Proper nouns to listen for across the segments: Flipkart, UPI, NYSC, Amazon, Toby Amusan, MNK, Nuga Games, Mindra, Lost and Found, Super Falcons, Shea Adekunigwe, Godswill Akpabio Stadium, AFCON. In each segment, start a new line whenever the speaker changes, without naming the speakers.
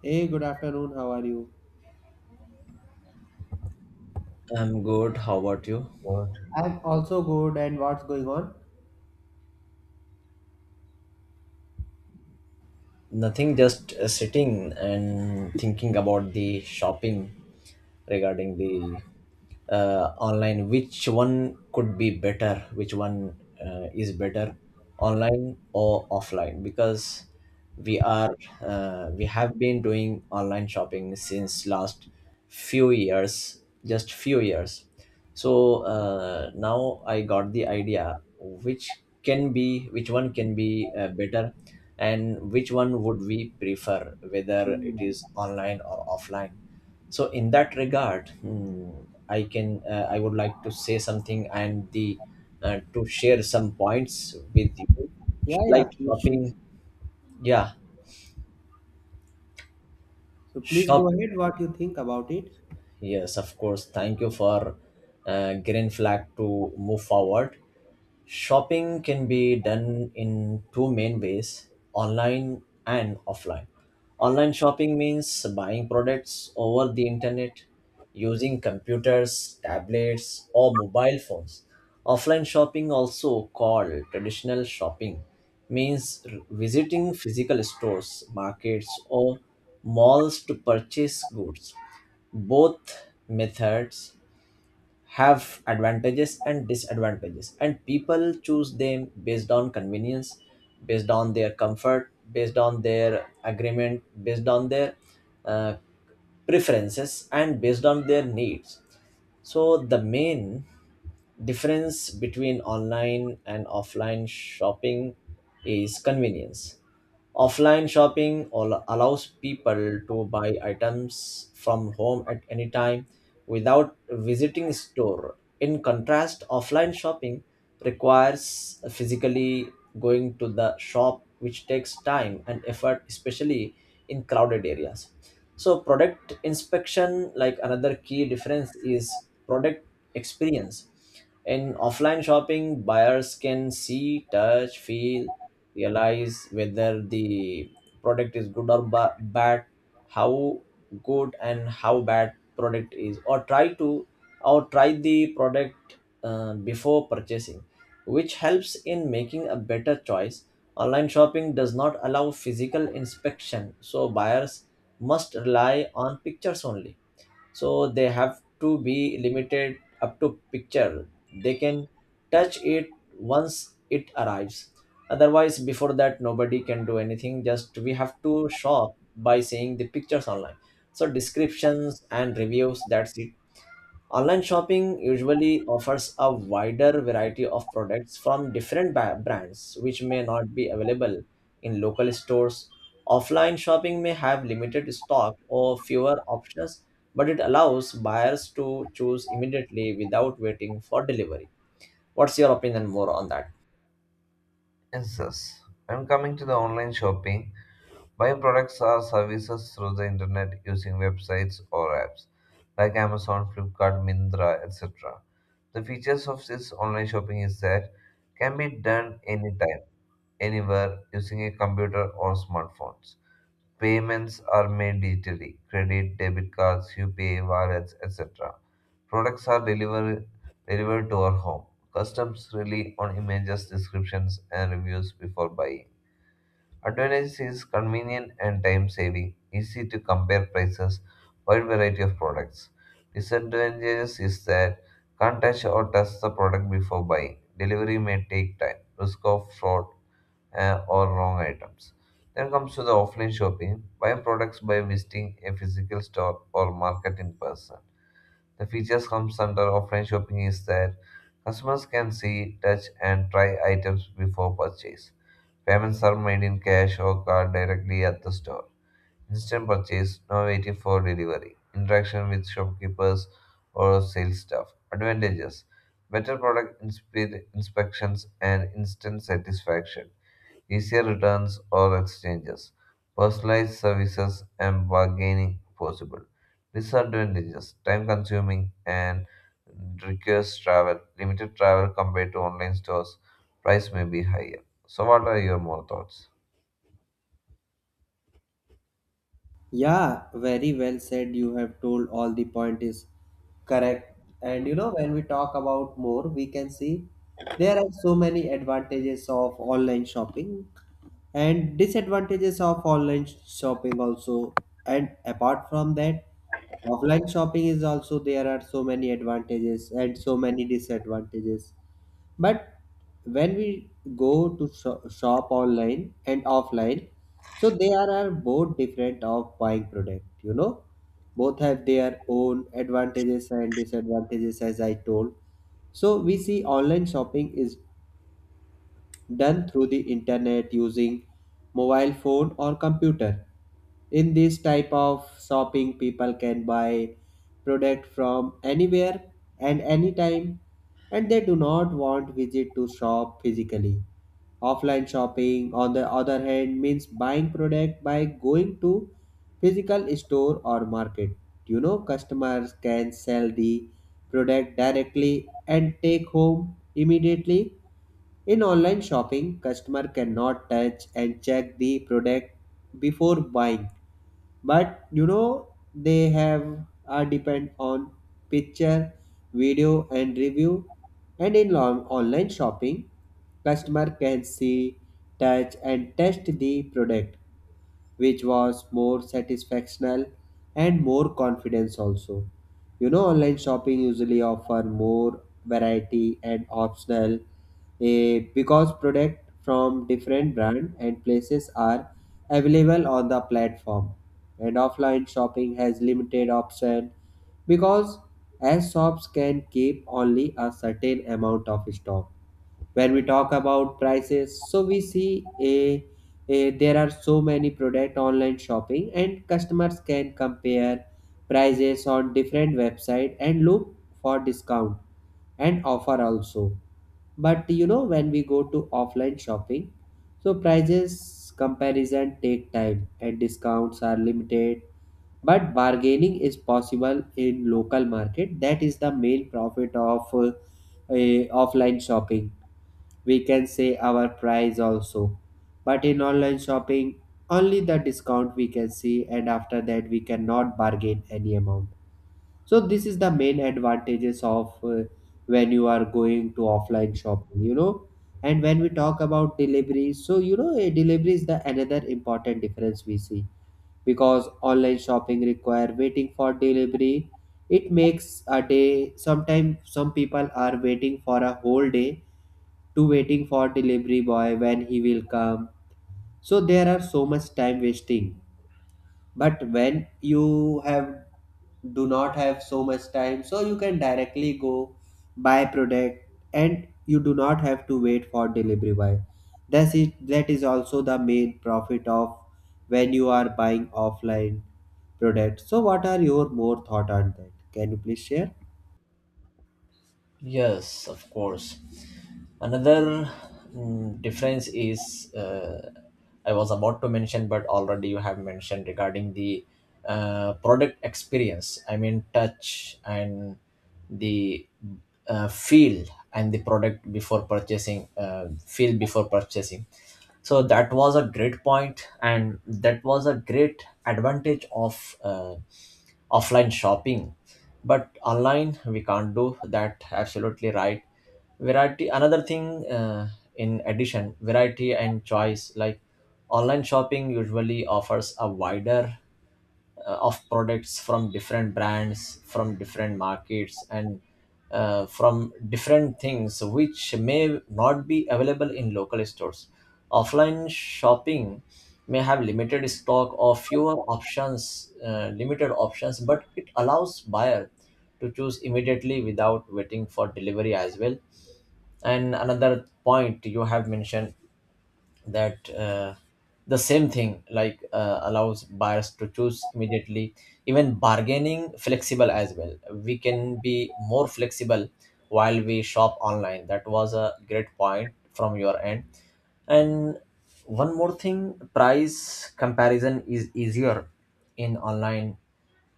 Hey, good afternoon. How are you?
I'm good. How about you?
What?
I'm also good. And what's going on?
Nothing, just sitting and thinking about the shopping. Regarding the online, which one could be better, which one is better, online or offline? Because we are, we have been doing online shopping since last few years, just few years. So now I got the idea which can be, which one can be better, and which one would we prefer, whether it
Yeah,
is online or offline. So in that regard, I can, I would like to say something, and the to share some points with you,
yeah,
like
please.
shopping. Yeah,
So please go
shop,
ahead. What you think about it?
yes, of course. Thank you for green flag to move forward. Shopping can be done in two main ways, online and offline. Online shopping means buying products over the internet using computers, tablets, or mobile phones. Offline shopping, also called traditional shopping, means visiting physical stores, markets, or malls to purchase goods. Both methods have advantages and disadvantages, and people choose them based on convenience, based on their comfort, based on their agreement, based on their uh, preferences, and based on their needs. So the main difference between online and offline shopping is convenience. Offline shopping allows people to buy items from home at any time without visiting store. In contrast, offline shopping requires physically going to the shop, which takes time and effort, especially in crowded areas. So product inspection, like another key difference is product experience. In offline shopping, buyers can see, touch, feel, realize whether the product is good or bad, how good and how bad product is, or try to, or try the product before purchasing, which helps in making a better choice. Online shopping does not allow physical inspection, so buyers must rely on pictures only. So they have to be limited up to picture. They can touch it once it arrives. Otherwise, before that, nobody can do anything. Just we have to shop by seeing the pictures online, so descriptions and reviews, that's it. Online shopping usually offers a wider variety of products from different brands, which may not be available in local stores. Offline shopping may have limited stock or fewer options, but it allows buyers to choose immediately without waiting for delivery. What's your opinion more on that?
Yes, yes. I'm coming to the online shopping. Buying products or services through the internet using websites or apps like Amazon, Flipkart, Mindra, etc. The features of this online shopping is that can be done anytime, anywhere using a computer or smartphone. Payments are made digitally credit, debit cards, UPI, wallets, etc. Products are delivered to our home. Customs rely on images, descriptions, and reviews before buying. Advantage is convenient and time saving, easy to compare prices, wide variety of products. Disadvantages is that can't touch or test the product before buying. Delivery may take time, risk of fraud, or wrong items. Then comes to the offline shopping. Buy products by visiting a physical store or market in person. The features comes under offline shopping is that customers can see, touch, and try items before purchase. Payments are made in cash or card directly at the store. Instant purchase, no waiting for delivery. Interaction with shopkeepers or sales staff. Advantages: better product inspections and instant satisfaction easier returns or exchanges, personalized services, and bargaining possible. Disadvantages time consuming and requires travel, limited travel compared to online stores, price may be higher. So, what are your more thoughts?
Yeah, very well said. You have told all the point is correct. And you know, when we talk about more, we can see there are so many advantages of online shopping and disadvantages of online shopping also, and apart from that offline shopping is also there are so many advantages and so many disadvantages. But when we shop online and offline, so there are both different of buying product, you know, both have their own advantages and disadvantages as I told. So we see online shopping is done through the internet using mobile phone or computer. In this type of shopping, people can buy product from anywhere and anytime, and they do not want visit to shop physically. Offline shopping, on the other hand, means buying product by going to physical store or market. You know, customers can sell the product directly and take home immediately. In online shopping, customer cannot touch and check the product before buying. But you know they have are depend on picture, video and review. And in long, online shopping, customer can see, touch and test the product, which was more satisfactional and more confidence also. You know, online shopping usually offer more variety and optional, because product from different brand and places are available on the platform, and offline shopping has limited option because as shops can keep only a certain amount of stock. When we talk about prices, so we see a there are so many product online shopping and customers can compare prices on different website and look for discount and offer also. But you know when we go to offline shopping, so prices comparison take time and discounts are limited, but bargaining is possible in local market. That is the main profit of offline shopping. We can say our price also, but in online shopping only the discount we can see, and after that we cannot bargain any amount. So this is the main advantages of when you are going to offline shopping, you know. And when we talk about delivery, so you know a delivery is the another important difference we see, because online shopping require waiting for delivery. It makes a day, sometimes some people are waiting for a whole day to waiting for delivery boy when he will come. So there are so much time wasting. But when you have do not have so much time, so you can directly go buy product, and you do not have to wait for delivery boy. That's it. That is also the main profit of when you are buying offline product. So what are your more thought on that? Can you please share?
Yes, of course. Another difference is, I was about to mention, but already you have mentioned regarding the product experience. I mean, touch and the feel and the product before purchasing, feel before purchasing, so that was a great point, and that was a great advantage of offline shopping, but online we can't do that, absolutely right. Variety, another thing, in addition, variety and choice, like online shopping usually offers a wider of products from different brands, from different markets, and from different things which may not be available in local stores. Offline shopping may have limited stock or fewer options, limited options, but it allows buyer to choose immediately without waiting for delivery as well. And another point you have mentioned that, the same thing, like allows buyers to choose immediately, even bargaining flexible as well, we can be more flexible while we shop online. That was a great point from your end. And one more thing, price comparison is easier in online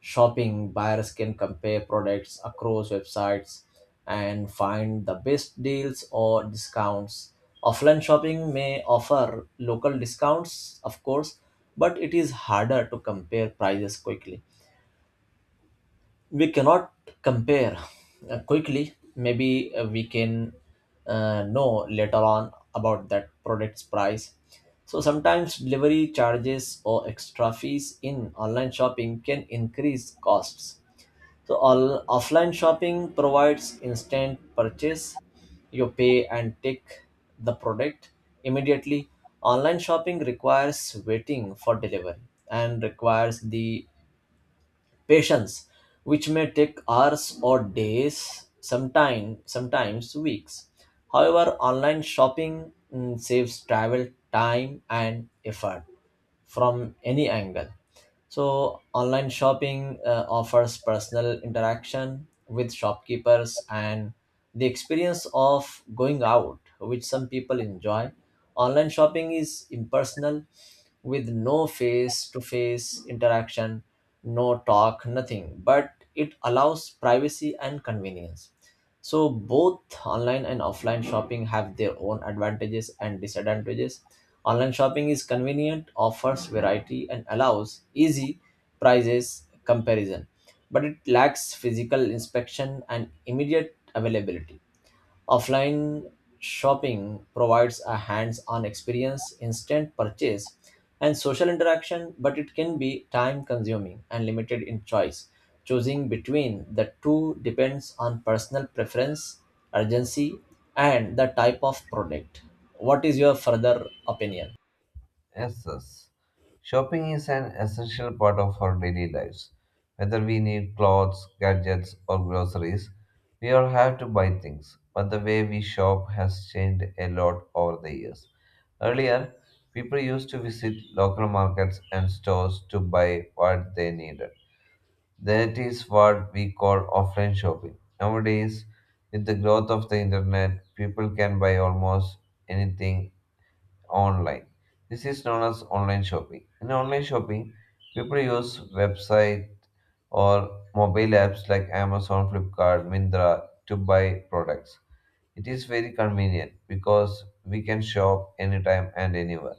shopping. Buyers can compare products across websites and find the best deals or discounts. Offline shopping may offer local discounts, of course, but it is harder to compare prices quickly. We cannot compare quickly. Maybe we can know later on about that product's price. So sometimes delivery charges or extra fees in online shopping can increase costs. So all offline shopping provides instant purchase, you pay and take the product immediately. Online shopping requires waiting for delivery and requires the patience, which may take hours or days, sometime, sometimes weeks. However, online shopping saves travel time and effort from any angle. So online shopping offers personal interaction with shopkeepers and the experience of going out, which some people enjoy. Online shopping is impersonal, with no face to face interaction, no talk, nothing, but it allows privacy and convenience. So both online and offline shopping have their own advantages and disadvantages. Online shopping is convenient, offers variety, and allows easy prices comparison, but it lacks physical inspection and immediate availability. Offline shopping provides a hands on experience, instant purchase, and social interaction, but it can be time consuming and limited in choice. Choosing between the two depends on personal preference, urgency, and the type of product. What is your further opinion?
Yes, yes. Shopping is an essential part of our daily lives. Whether we need clothes, gadgets, or groceries, we all have to buy things. But the way we shop has changed a lot over the years. Earlier, people used to visit local markets and stores to buy what they needed. That is what we call offline shopping. Nowadays, with the growth of the internet, people can buy almost anything online. This is known as online shopping. In online shopping, people use website or mobile apps like Amazon, Flipkart, Mindra to buy products. It is very convenient because we can shop anytime and anywhere,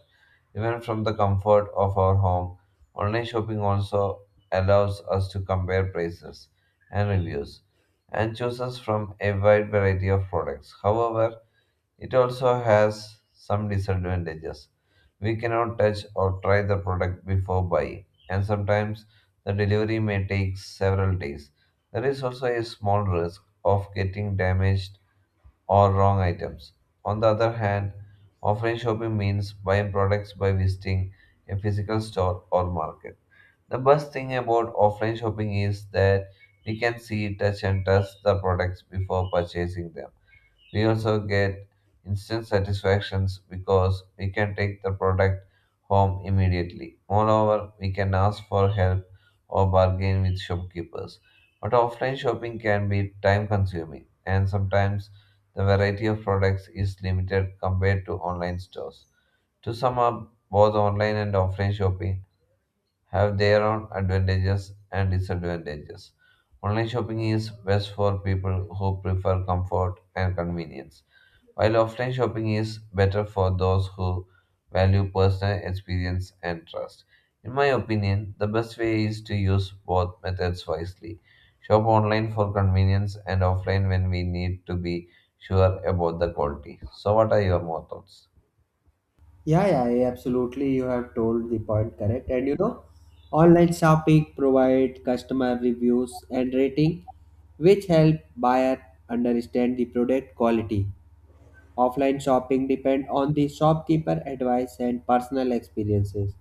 even from the comfort of our home. Online shopping also allows us to compare prices and reviews and chooses from a wide variety of products. However, it also has some disadvantages. We cannot touch or try the product before buying, and sometimes the delivery may take several days. There is also a small risk of getting damaged or wrong items. On the other hand, offline shopping means buying products by visiting a physical store or market. The best thing about offline shopping is that we can see, touch, and test the products before purchasing them. We also get instant satisfactions because we can take the product home immediately. Moreover, we can ask for help or bargain with shopkeepers. But offline shopping can be time consuming and sometimes the variety of products is limited compared to online stores. To sum up, both online and offline shopping have their own advantages and disadvantages. Online shopping is best for people who prefer comfort and convenience while offline shopping is better for those who value personal experience and trust. In my opinion, the best way is to use both methods wisely. Shop online for convenience and offline when we need to be sure about the quality. So, what are your more thoughts?
Yeah, absolutely. You have told the point correct. And you know, online shopping provide customer reviews and rating, which help buyer understand the product quality. Offline shopping depend on the shopkeeper advice and personal experiences.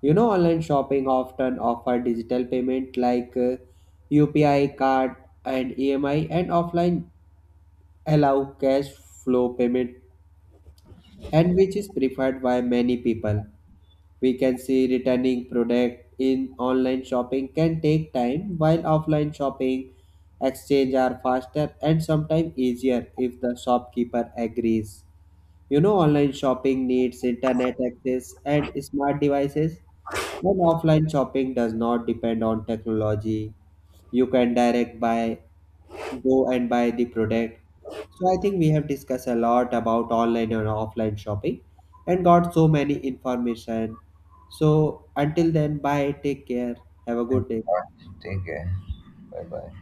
You know, online shopping often offer digital payment like UPI card and EMI, and offline allow cash flow payment, and which is preferred by many people. We can see returning product in online shopping can take time, while offline shopping exchange are faster and sometimes easier if the shopkeeper agrees. You know, online shopping needs internet access and smart devices, and offline shopping does not depend on technology. You can direct buy, go and buy the product. So I think we have discussed a lot about online and offline shopping and got so many information. So until then, bye, take care, have a good day.
Take care. Bye bye.